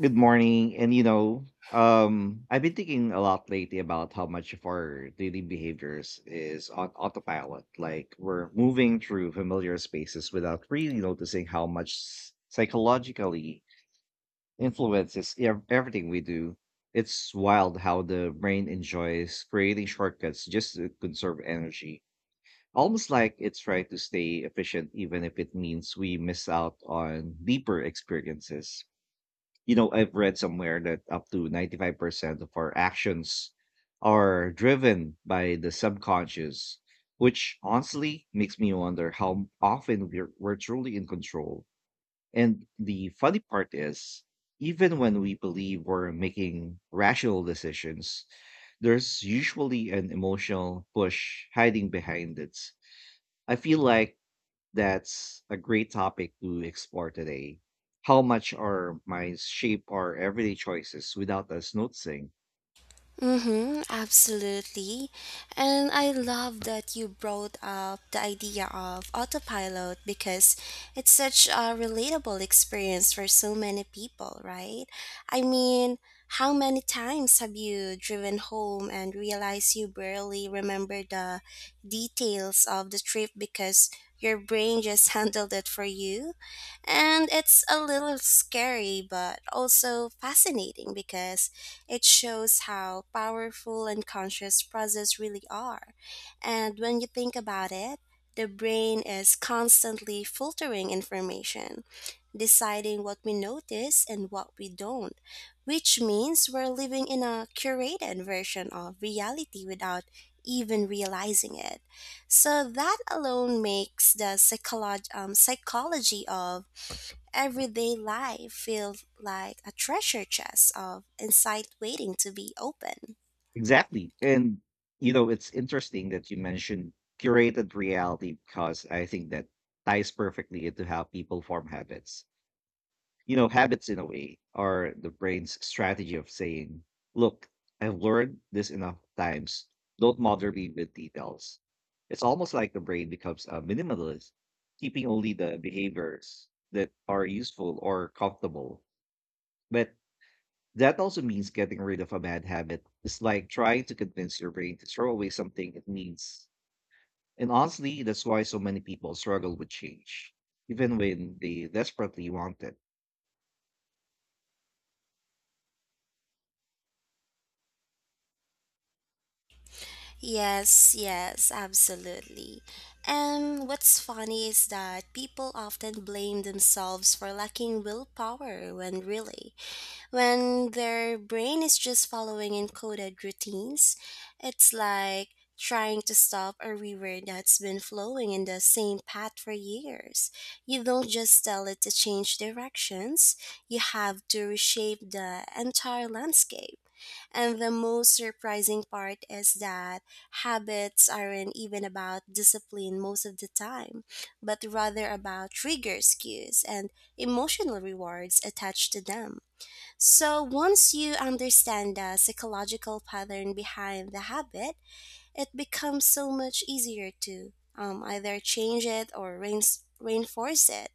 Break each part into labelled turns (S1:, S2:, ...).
S1: Good morning. I've been thinking a lot lately about how much of our daily behaviors is on autopilot. Like we're moving through familiar spaces without really noticing how much psychologically influences everything we do. It's wild how the brain enjoys creating shortcuts just to conserve energy. Almost like it's trying to stay efficient, even if it means we miss out on deeper experiences. I've read somewhere that up to 95% of our actions are driven by the subconscious, which honestly makes me wonder how often we're truly in control. And the funny part is, even when we believe we're making rational decisions, there's usually an emotional push hiding behind it. I feel like that's a great topic to explore today. How much our minds shape our everyday choices without us noticing.
S2: Mm-hmm, absolutely. And I love that you brought up the idea of autopilot because it's such a relatable experience for so many people, right? I mean, how many times have you driven home and realized you barely remember the details of the trip because your brain just handled it for you? And it's a little scary, but also fascinating because it shows how powerful and conscious process really are. And when you think about it, the brain is constantly filtering information, deciding what we notice and what we don't, which means we're living in a curated version of reality without even realizing it. So that alone makes the psychology of everyday life feels like a treasure chest of insight waiting to be opened.
S1: Exactly. And, you know, it's interesting that you mentioned curated reality because I think that ties perfectly into how people form habits. You know, habits in a way are the brain's strategy of saying, look, I've learned this enough times. Don't bother me with details. It's almost like the brain becomes a minimalist, keeping only the behaviors that are useful or comfortable. But that also means getting rid of a bad habit. It's like trying to convince your brain to throw away something it needs. And honestly, that's why so many people struggle with change, even when they desperately want it.
S2: Yes, yes, absolutely. And what's funny is that people often blame themselves for lacking willpower when really when their brain is just following encoded routines, it's like trying to stop a river that's been flowing in the same path for years. You don't just tell it to change directions, you have to reshape the entire landscape. And the most surprising part is that habits aren't even about discipline most of the time, but rather about trigger cues, and emotional rewards attached to them. So, once you understand the psychological pattern behind the habit, it becomes so much easier to either change it or reinforce it.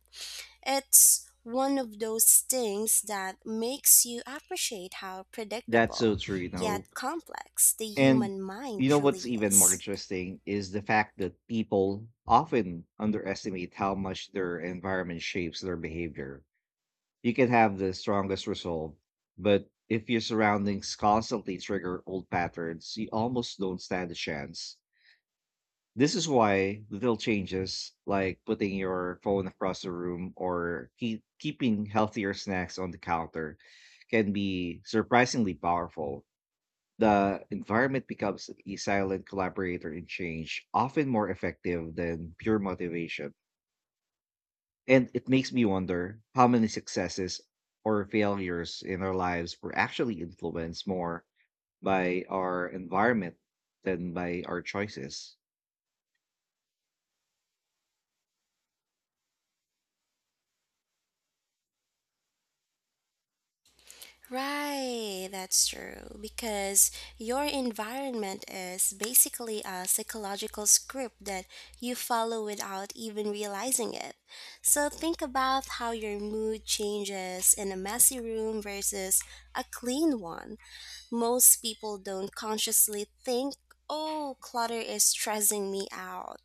S2: It's one of those things that makes you appreciate how
S1: That's so
S2: predictable
S1: true, you know.
S2: yet complex the
S1: And
S2: human mind
S1: you know
S2: truly
S1: what's even more
S2: is.
S1: interesting is the fact that people often underestimate how much their environment shapes their behavior. You can have the strongest resolve, but if your surroundings constantly trigger old patterns, you almost don't stand a chance. This is why little changes like putting your phone across the room or keeping healthier snacks on the counter can be surprisingly powerful. The environment becomes a silent collaborator in change, often more effective than pure motivation. And it makes me wonder how many successes or failures in our lives were actually influenced more by our environment than by our choices.
S2: Right, that's true. Because your environment is basically a psychological script that you follow without even realizing it. So think about how your mood changes in a messy room versus a clean one. Most people don't consciously think, oh, clutter is stressing me out,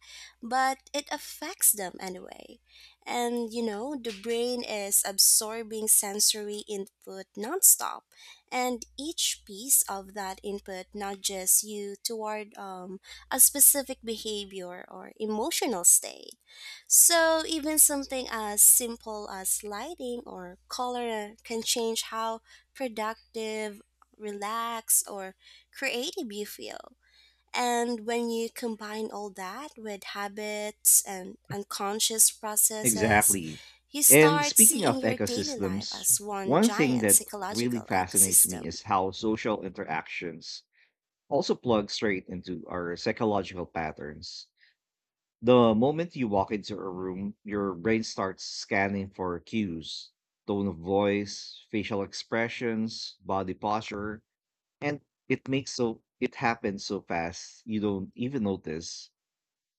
S2: but it affects them anyway. And you know, the brain is absorbing sensory input nonstop, and each piece of that input nudges you toward a specific behavior or emotional state. So, even something as simple as lighting or color can change how productive, relaxed, or creative you feel. And when you combine all that with habits and unconscious processes,
S1: Exactly.
S2: you
S1: And
S2: start
S1: speaking of
S2: seeing your daily life
S1: ecosystems,
S2: as one
S1: one thing
S2: giant
S1: that really
S2: psychological
S1: fascinates me
S2: ecosystem.
S1: is how social interactions also plug straight into our psychological patterns. The moment you walk into a room, your brain starts scanning for cues, tone of voice, facial expressions, body posture, and it happens so fast you don't even notice.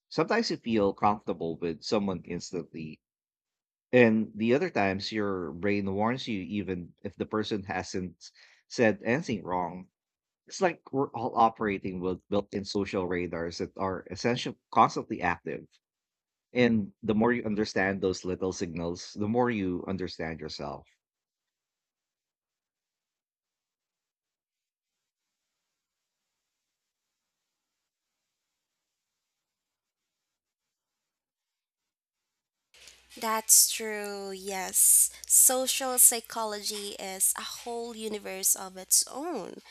S1: Sometimes you feel comfortable with someone instantly, and the other times your brain warns you even if the person hasn't said anything wrong. It's like we're all operating with built-in social radars that are essentially constantly active. And the more you understand those little signals, the more you understand yourself.
S2: That's true, yes. Social psychology is a whole universe of its own.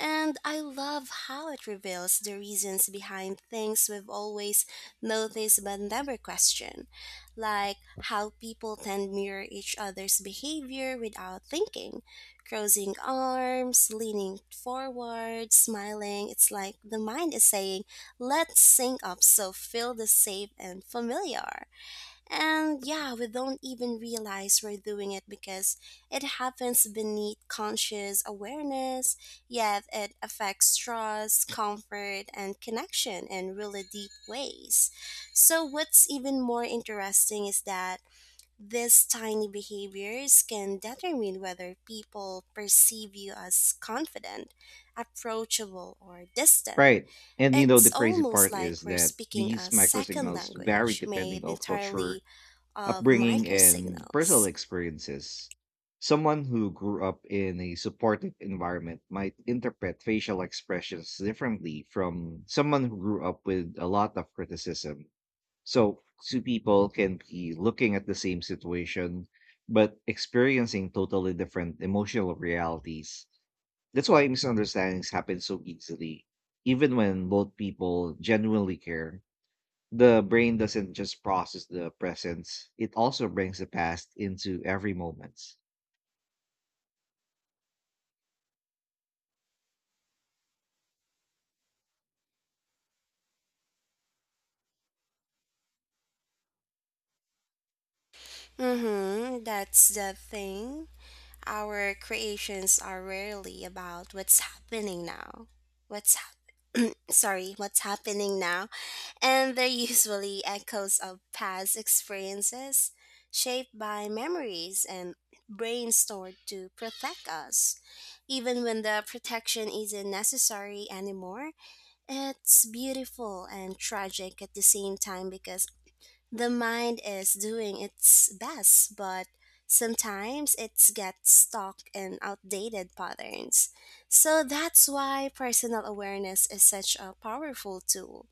S2: And I love how it reveals the reasons behind things we've always noticed but never questioned, like how people tend mirror each other's behavior without thinking. Crossing arms, leaning forward, smiling. It's like the mind is saying, let's sync up so feel the safe and familiar. And yeah, we don't even realize we're doing it because it happens beneath conscious awareness, yet it affects trust, comfort, and connection in really deep ways. So, what's even more interesting is that these tiny behaviors can determine whether people perceive you as confident, approachable, or distant.
S1: Right. And you know, the
S2: It's
S1: crazy
S2: almost
S1: part is
S2: like we're
S1: that
S2: speaking a
S1: these micro
S2: second
S1: signals vary
S2: language made
S1: depending on culture,
S2: entirely of
S1: upbringing,
S2: micro
S1: and personal
S2: signals.
S1: experiences. Someone who grew up in a supportive environment might interpret facial expressions differently from someone who grew up with a lot of criticism. So two people can be looking at the same situation, but experiencing totally different emotional realities. That's why misunderstandings happen so easily. Even when both people genuinely care, the brain doesn't just process the presence, it also brings the past into every moment.
S2: Mm-hmm, that's the thing. Our creations are rarely about what's happening now. Sorry, what's happening now? And they're usually echoes of past experiences shaped by memories and brains stored to protect us. Even when the protection isn't necessary anymore, it's beautiful and tragic at the same time because the mind is doing its best, but sometimes it gets stuck in outdated patterns. So that's why personal awareness is such a powerful tool.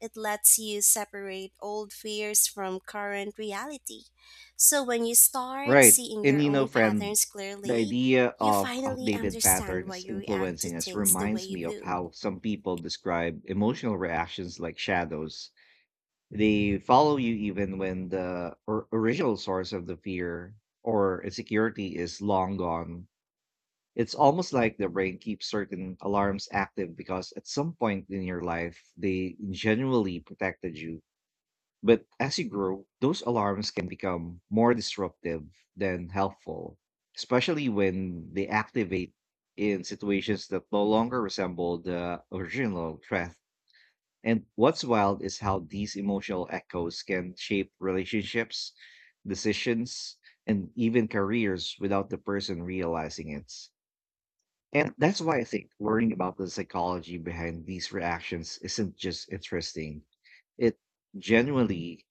S2: It lets you separate old fears from current reality. So when you start
S1: Right.
S2: seeing
S1: And
S2: your
S1: you know,
S2: own
S1: friend,
S2: patterns
S1: the
S2: clearly,
S1: idea
S2: you
S1: of
S2: finally
S1: outdated
S2: understand why
S1: patterns
S2: you react to
S1: influencing us
S2: things the way
S1: reminds
S2: you
S1: me of
S2: do.
S1: how some people describe emotional reactions like shadows. They follow you even when the or original source of the fear or insecurity is long gone. It's almost like the brain keeps certain alarms active because at some point in your life, they genuinely protected you. But as you grow, those alarms can become more disruptive than helpful, especially when they activate in situations that no longer resemble the original threat. And what's wild is how these emotional echoes can shape relationships, decisions, and even careers without the person realizing it. And that's why I think learning about the psychology behind these reactions isn't just interesting, it genuinely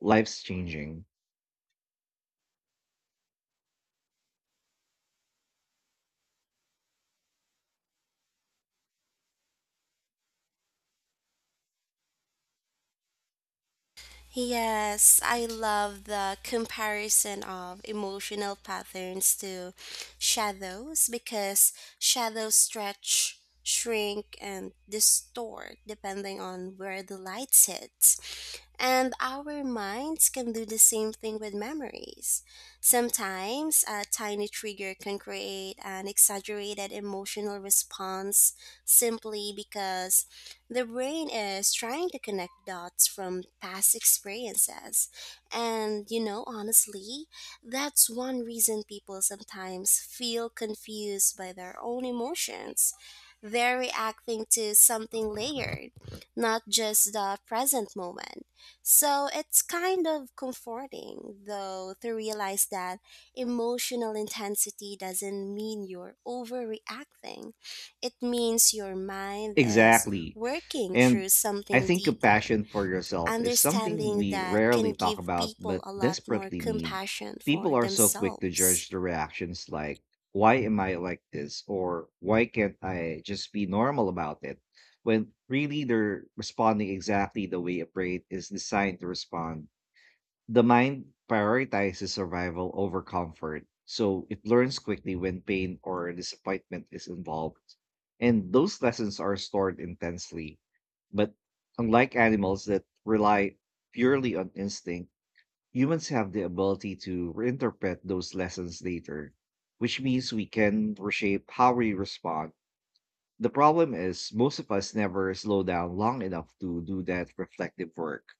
S1: life's changing.
S2: Yes, I love the comparison of emotional patterns to shadows because shadows stretch, shrink, and distort depending on where the light hits. And our minds can do the same thing with memories. Sometimes a tiny trigger can create an exaggerated emotional response simply because the brain is trying to connect dots from past experiences. And, you know, honestly, that's one reason people sometimes feel confused by their own emotions. They're reacting to something layered, not just the present moment. So it's kind of comforting, though, to realize that emotional intensity doesn't mean you're overreacting. It means your mind is
S1: Exactly.
S2: working
S1: And
S2: through
S1: I
S2: something
S1: think
S2: deeper,
S1: compassion for yourself is something
S2: understanding
S1: we
S2: that
S1: rarely
S2: can
S1: talk
S2: give
S1: about,
S2: people
S1: but
S2: a lot more
S1: desperately need.
S2: compassion
S1: People
S2: for
S1: are so quick to
S2: themselves.
S1: judge the reactions like, why am I like this? Or why can't I just be normal about it? When really they're responding exactly the way a brain is designed to respond. The mind prioritizes survival over comfort, so it learns quickly when pain or disappointment is involved. And those lessons are stored intensely. But unlike animals that rely purely on instinct, humans have the ability to reinterpret those lessons later, which means we can reshape how we respond. The problem is, most of us never slow down long enough to do that reflective work.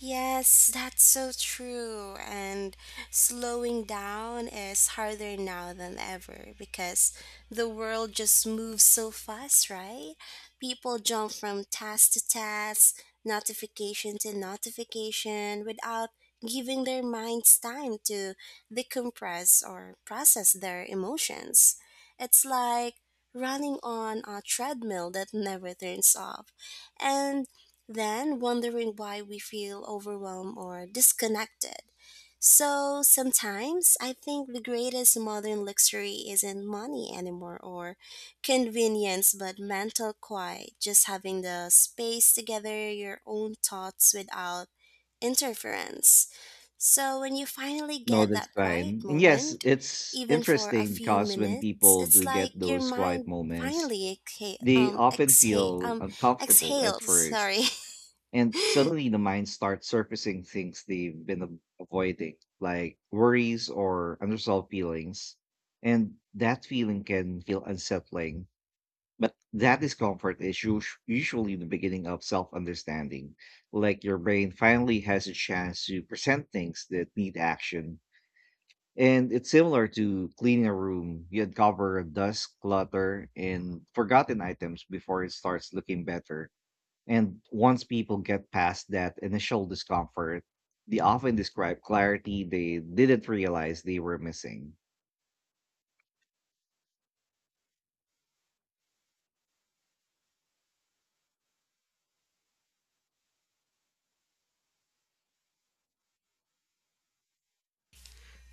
S2: Yes, that's so true. And slowing down is harder now than ever because the world just moves so fast, right? People jump from task to task, notification to notification without giving their minds time to decompress or process their emotions. It's like running on a treadmill that never turns off. And then wondering why we feel overwhelmed or disconnected. So sometimes I think the greatest modern luxury isn't money anymore or convenience, but mental quiet, just having the space to gather your own thoughts without interference. So when you finally
S1: No,
S2: get
S1: that's
S2: that quiet
S1: fine. And yes,
S2: moment,
S1: it's
S2: even for a
S1: interesting
S2: few
S1: because when
S2: minutes,
S1: people
S2: it's
S1: do get
S2: like your
S1: those quiet
S2: mind
S1: moments,
S2: finally exhale,
S1: they
S2: um,
S1: often
S2: exhale,
S1: feel
S2: um,
S1: uncomfortable at
S2: exhales. Sorry,
S1: first. And suddenly the mind starts surfacing things they've been avoiding, like worries or unresolved feelings. And that feeling can feel unsettling. But that discomfort is usually the beginning of self understanding. Like your brain finally has a chance to present things that need action and it's similar to cleaning a room. You uncover dust, clutter, and forgotten items before it starts looking better. And once people get past that initial discomfort, they often describe clarity they didn't realize they were missing.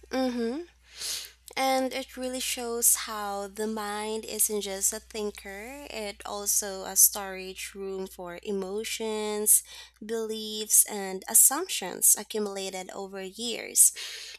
S2: Mm-hmm. And it really shows how the mind isn't just a thinker, it also a storage room for emotions, beliefs, and assumptions accumulated over years.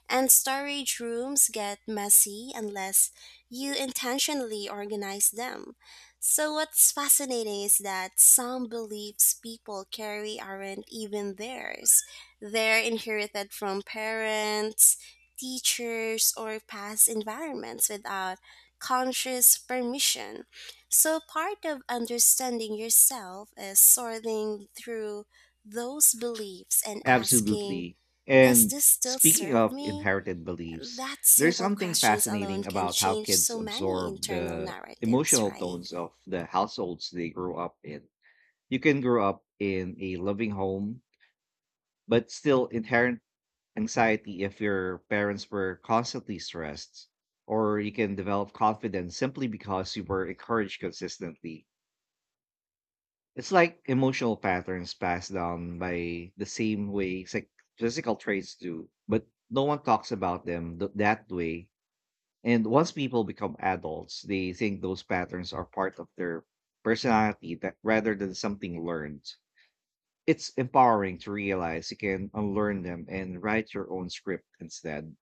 S2: And storage rooms get messy unless you intentionally organize them. So, what's fascinating is that some beliefs people carry aren't even theirs. They're inherited from parents, teachers, or past environments without conscious permission. So, part of understanding yourself is sorting through those beliefs and asking,
S1: Absolutely.
S2: does
S1: And
S2: this still
S1: speaking
S2: serve
S1: of
S2: me?
S1: inherited beliefs,
S2: That
S1: there's
S2: simple
S1: something
S2: questions alone
S1: fascinating
S2: can
S1: about how
S2: change
S1: kids
S2: so many
S1: absorb
S2: internal
S1: the
S2: narratives,
S1: emotional
S2: right?
S1: tones of the households they grew up in. You can grow up in a loving home but still inherent anxiety if your parents were constantly stressed, or you can develop confidence simply because you were encouraged consistently. It's like emotional patterns passed down by the same way physical traits do, but no one talks about them that way. And once people become adults, they think those patterns are part of their personality that rather than something learned. It's empowering to realize you can unlearn them and write your own script instead.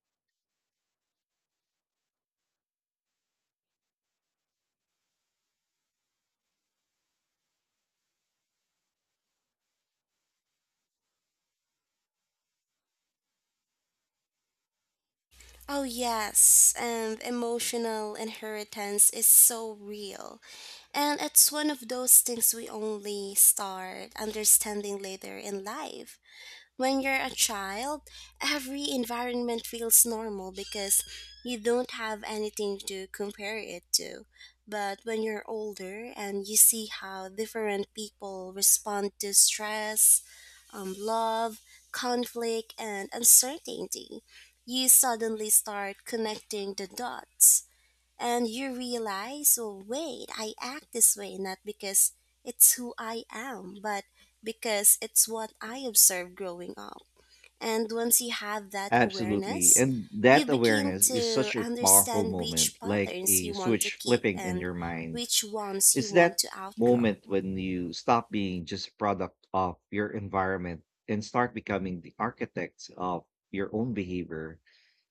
S2: Oh, yes, and emotional inheritance is so real. And it's one of those things we only start understanding later in life. When you're a child, every environment feels normal because you don't have anything to compare it to. But when you're older and you see how different people respond to stress, love, conflict, and uncertainty, you suddenly start connecting the dots. And you realize, oh, wait, I act this way not because it's who I am, but because it's what I observed growing up. And once you have that
S1: Absolutely.
S2: awareness,
S1: And
S2: you
S1: that
S2: begin
S1: awareness is
S2: to
S1: such a powerful
S2: understand which
S1: moment, like
S2: patterns
S1: a
S2: you want to
S1: switch
S2: keep
S1: flipping in
S2: and
S1: your mind.
S2: which ones you
S1: It's
S2: want
S1: that
S2: to outgrow.
S1: moment when you stop being just a product of your environment and start becoming the architect of your own behavior.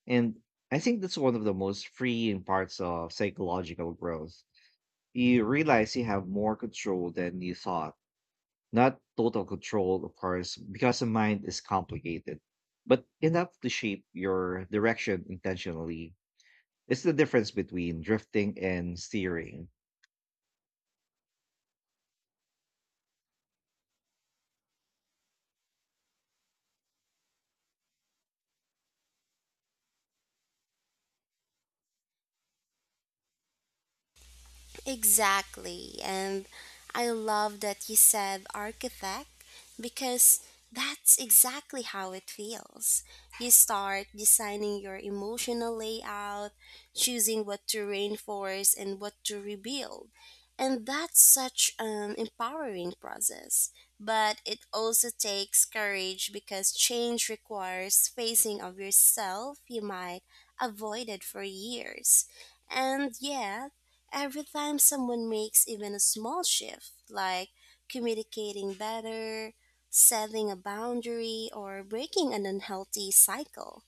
S1: And I think that's one of the most freeing parts of psychological growth. You realize you have more control than you thought not total control, of course, because the mind is complicated, but enough to shape your direction intentionally. It's the difference between drifting and steering.
S2: Exactly. And I love that you said architect because that's exactly how it feels. You start designing your emotional layout, choosing what to reinforce and what to rebuild. And that's such an empowering process. But it also takes courage because change requires facing of yourself you might avoided for years. And yeah, every time someone makes even a small shift, like communicating better, setting a boundary, or breaking an unhealthy cycle,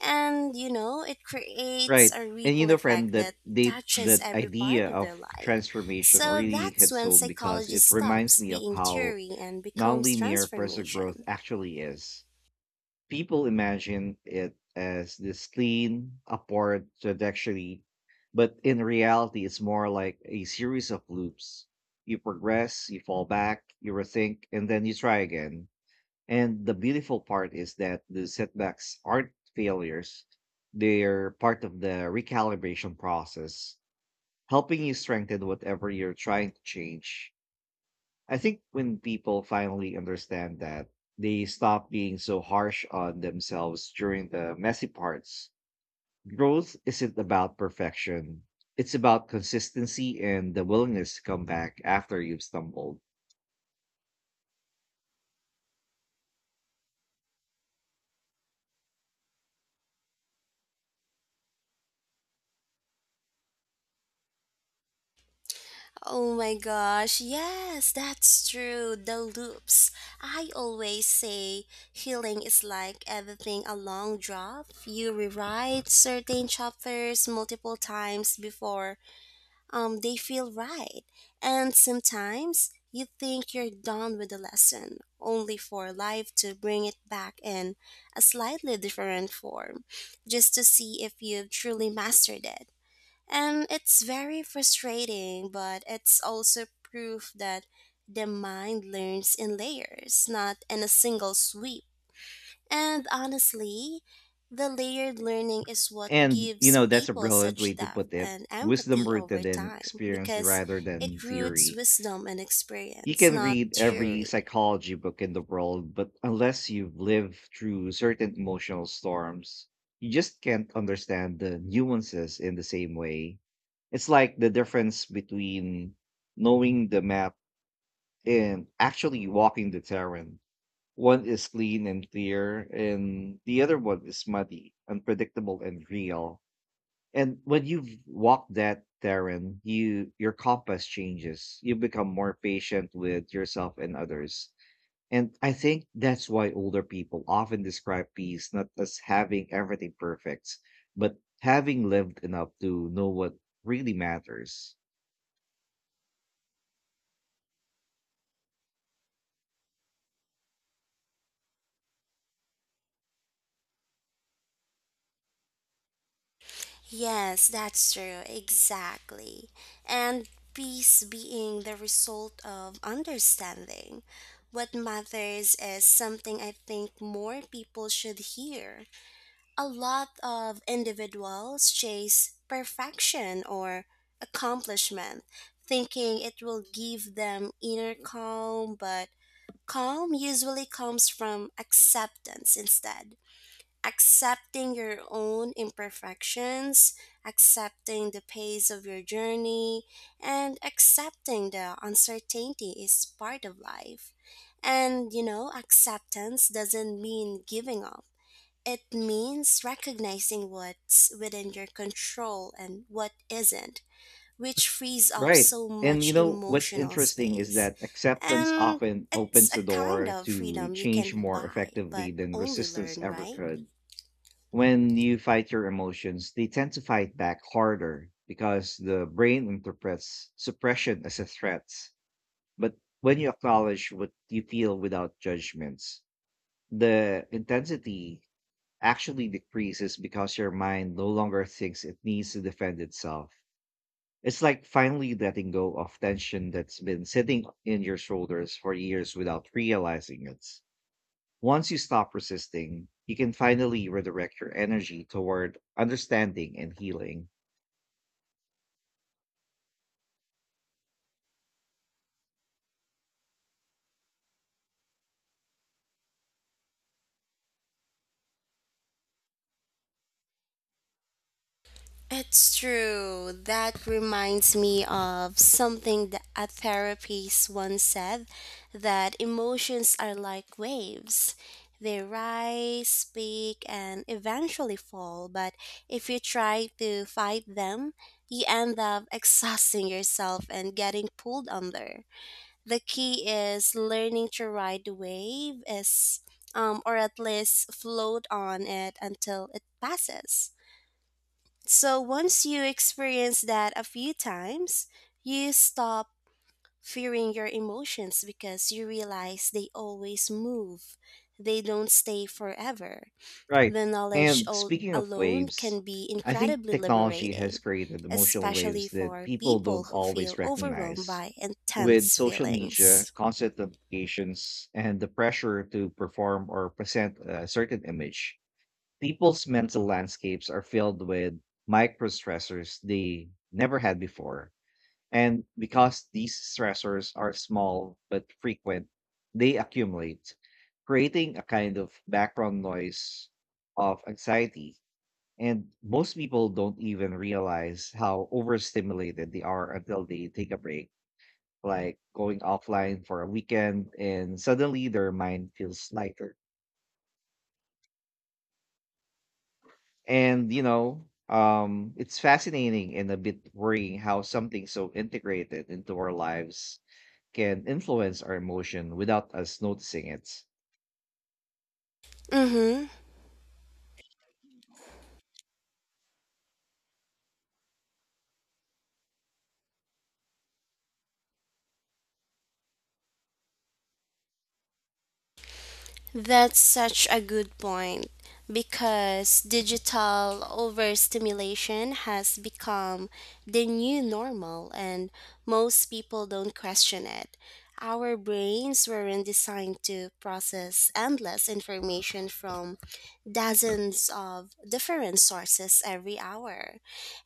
S2: and you know, it creates
S1: Right.
S2: a
S1: And you
S2: ripple
S1: know, friend,
S2: effect
S1: that
S2: that
S1: they
S2: touches
S1: that
S2: every
S1: idea
S2: part of
S1: of
S2: their life.
S1: transformation
S2: So
S1: really
S2: that's
S1: hits
S2: when
S1: home because
S2: psychology
S1: it reminds
S2: stops
S1: me of
S2: being
S1: how
S2: theory and becomes
S1: nonlinear personal growth
S2: transformation.
S1: actually is. People imagine it as this clean, upward trajectory, but in reality, it's more like a series of loops. You progress, you fall back, you rethink, and then you try again. And the beautiful part is that the setbacks aren't failures, they're part of the recalibration process, helping you strengthen whatever you're trying to change. I think when people finally understand that, they stop being so harsh on themselves during the messy parts. Growth isn't about perfection, it's about consistency and the willingness to come back after you've stumbled.
S2: Oh my gosh, yes, that's true. The loops. I always say healing is like everything a long drop. You rewrite certain chapters multiple times before they feel right. And sometimes you think you're done with the lesson, only for life to bring it back in a slightly different form, just to see if you've truly mastered it. And it's very frustrating, but it's also proof that the mind learns in layers, not in a single sweep. And honestly, the layered learning is what
S1: And, you
S2: gives
S1: know, that's a
S2: people
S1: brilliant way
S2: such
S1: to
S2: depth
S1: put it,
S2: and
S1: wisdom
S2: empathy over
S1: rooted in
S2: time
S1: experience
S2: because
S1: rather than
S2: it roots
S1: theory.
S2: wisdom and
S1: You
S2: experience,
S1: can
S2: not
S1: read every
S2: theory.
S1: psychology book in the world, but unless you've lived through certain emotional storms, you just can't understand the nuances in the same way. It's like the difference between knowing the map and actually walking the terrain. One is clean and clear, and the other one is muddy, unpredictable, and real. And when you've walked that terrain, your compass changes. You become more patient with yourself and others, and I think that's why older people often describe peace not as having everything perfect, but having lived enough to know what really matters.
S2: Yes, that's true, exactly. And peace being the result of understanding. What matters is something I think more people should hear. A lot of individuals chase perfection or accomplishment, thinking it will give them inner calm, but calm usually comes from acceptance instead accepting your own imperfections, accepting the pace of your journey, and accepting the uncertainty is part of life. And you know, acceptance doesn't mean giving up. It means recognizing what's within your control and what isn't, which frees up
S1: Right.
S2: so
S1: And
S2: much
S1: you know, what's
S2: emotional
S1: interesting is
S2: space.
S1: that acceptance
S2: And
S1: often
S2: it's
S1: opens
S2: a
S1: the
S2: kind
S1: door
S2: of
S1: to
S2: freedom you
S1: change
S2: can
S1: more
S2: buy,
S1: effectively
S2: but
S1: than
S2: only
S1: resistance
S2: learn,
S1: ever
S2: right?
S1: could. When you fight your emotions, they tend to fight back harder because the brain interprets suppression as a threat. But when you acknowledge what you feel without judgments, the intensity actually decreases because your mind no longer thinks it needs to defend itself. It's like finally letting go of tension that's been sitting in your shoulders for years without realizing it. Once you stop resisting, you can finally redirect your energy toward understanding and healing.
S2: It's true. That reminds me of something that a therapist once said that emotions are like waves. They rise, peak, and eventually fall, but if you try to fight them, you end up exhausting yourself and getting pulled under. The key is learning to ride the wave is or at least float on it until it passes. So once you experience that a few times, you stop fearing your emotions because you realize they always move. They don't stay forever.
S1: Right.
S2: The knowledge
S1: And
S2: al-
S1: speaking of
S2: alone
S1: waves,
S2: can be
S1: I think
S2: incredibly
S1: technology has
S2: liberating,
S1: created emotional
S2: especially
S1: waves that
S2: for
S1: people
S2: people
S1: don't
S2: who feel
S1: always
S2: overwhelmed
S1: recognize.
S2: by
S1: With
S2: intense
S1: social media,
S2: feelings.
S1: constant notifications, and the pressure to perform or present a certain image, people's mental landscapes are filled with micro stressors they never had before. And because these stressors are small but frequent, they accumulate, creating a kind of background noise of anxiety. And most people don't even realize how overstimulated they are until they take a break, like going offline for a weekend, and suddenly their mind feels lighter. It's fascinating and a bit worrying how something so integrated into our lives can influence our emotion without us noticing it.
S2: Mhm. That's such a good point because digital overstimulation has become the new normal and most people don't question it. Our brains weren't designed to process endless information from dozens of different sources every hour.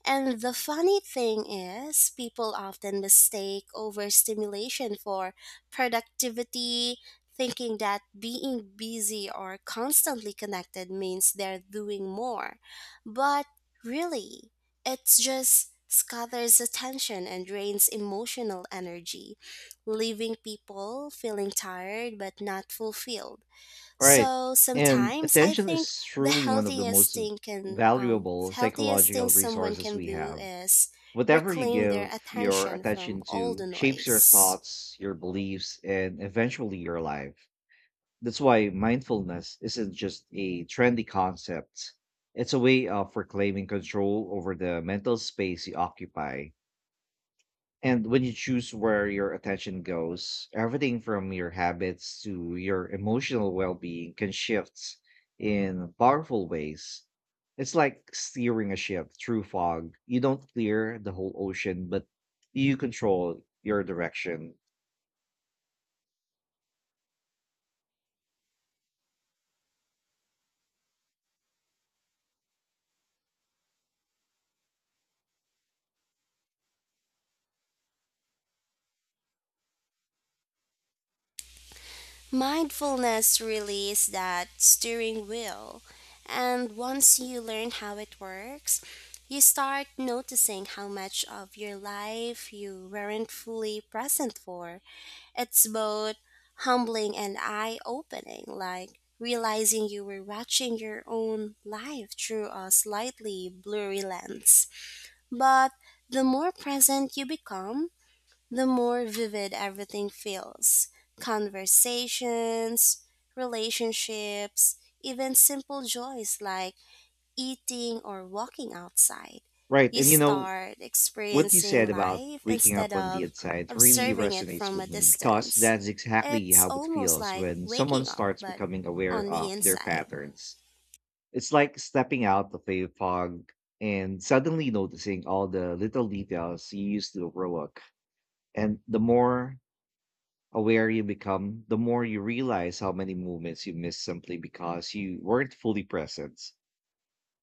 S2: And the funny thing is, people often mistake overstimulation for productivity thinking that being busy or constantly connected means they're doing more. But really, it just scatters attention and drains emotional energy, leaving people feeling tired but not fulfilled.
S1: All right.
S2: So
S1: And
S2: sometimes I
S1: attention
S2: think
S1: is
S2: the
S1: truly one of the most valuable
S2: healthiest thing
S1: psychological
S2: someone
S1: resources
S2: can
S1: we
S2: do
S1: have.
S2: is
S1: Whatever you
S2: reclaim their
S1: give your
S2: attention
S1: attention
S2: from all
S1: to
S2: the
S1: shapes your
S2: noise.
S1: thoughts, your beliefs, and eventually your life. That's why mindfulness isn't just a trendy concept. It's a way of reclaiming control over the mental space you occupy. And when you choose where your attention goes, everything from your habits to your emotional well being can shift in powerful ways. It's like steering a ship through fog. You don't clear the whole ocean, but you control your direction.
S2: Mindfulness really is that steering wheel, and once you learn how it works, you start noticing how much of your life you weren't fully present for. It's both humbling and eye opening, like realizing you were watching your own life through a slightly blurry lens. But the more present you become, the more vivid everything feels conversations, relationships, even simple joys like eating or walking outside.
S1: Right.
S2: You
S1: And you know,
S2: start
S1: what you said
S2: experiencing
S1: about
S2: life
S1: waking
S2: instead
S1: up on the
S2: of
S1: inside really
S2: observing it
S1: resonates
S2: from a
S1: with me because
S2: distance.
S1: that's exactly
S2: It's
S1: how it
S2: almost
S1: feels
S2: like
S1: when someone
S2: waking up,
S1: starts
S2: but
S1: becoming aware
S2: on the
S1: of their
S2: inside.
S1: patterns. It's like stepping out of a fog and suddenly noticing all the little details you used to overlook. And the more aware you become, the more you realize how many moments you missed simply because you weren't fully present.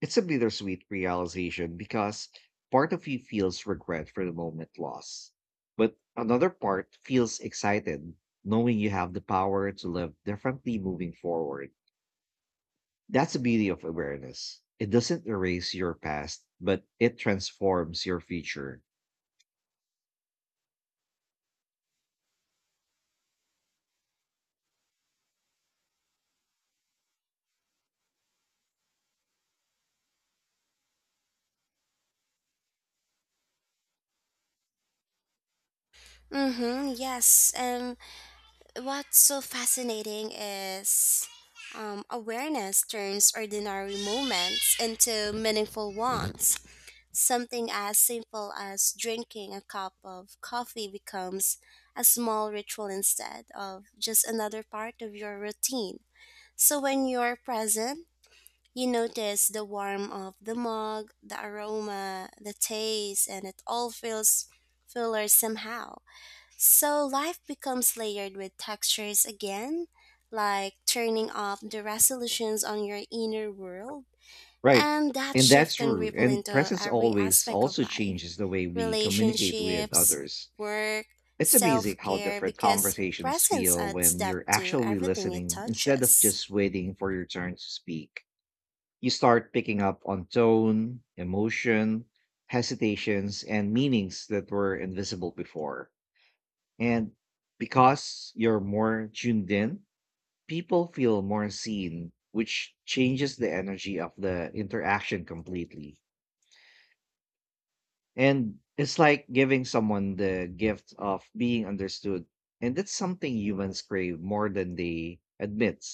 S1: It's a bittersweet realization because part of you feels regret for the moment lost, but another part feels excited knowing you have the power to live differently moving forward. That's the beauty of awareness. It doesn't erase your past, but it transforms your future.
S2: Mm-hmm, yes, and what's so fascinating is awareness turns ordinary moments into meaningful ones. Something as simple as drinking a cup of coffee becomes a small ritual instead of just another part of your routine. So when you're present, you notice the warmth of the mug, the aroma, the taste, and it all feels fuller somehow. So life becomes layered with textures again, like turning off the resolutions on your inner world.
S1: Right.
S2: And that
S1: And that's
S2: shift can
S1: true.
S2: ripple
S1: And
S2: into
S1: presence
S2: every
S1: always
S2: aspect of
S1: also
S2: life
S1: changes the way we communicate with
S2: relationships,
S1: others.
S2: work,
S1: It's amazing
S2: self
S1: how
S2: care,
S1: different
S2: because
S1: conversations
S2: presence
S1: feel
S2: adds
S1: when
S2: depth
S1: you're
S2: to
S1: actually
S2: everything it
S1: listening instead of
S2: touches.
S1: just waiting for your turn to speak. You start picking up on tone, emotion, hesitations, and meanings that were invisible before. And because you're more tuned in, people feel more seen, which changes the energy of the interaction completely. And it's like giving someone the gift of being understood. And that's something humans crave more than they admit.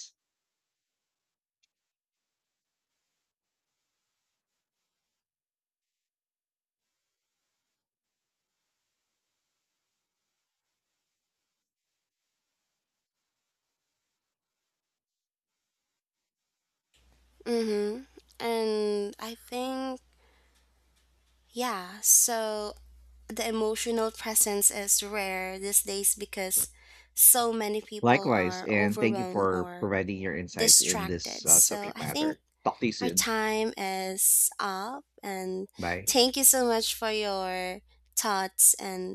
S2: Mm-hmm. And I think yeah, so the emotional presence is rare these days because so many people
S1: Likewise,
S2: are
S1: and thank you
S2: overwhelmed
S1: for
S2: or
S1: providing your insights in this
S2: distracted. So
S1: subject
S2: I think
S1: matter. Talk to you
S2: our
S1: soon.
S2: time is up and
S1: Bye.
S2: thank you so much for your thoughts and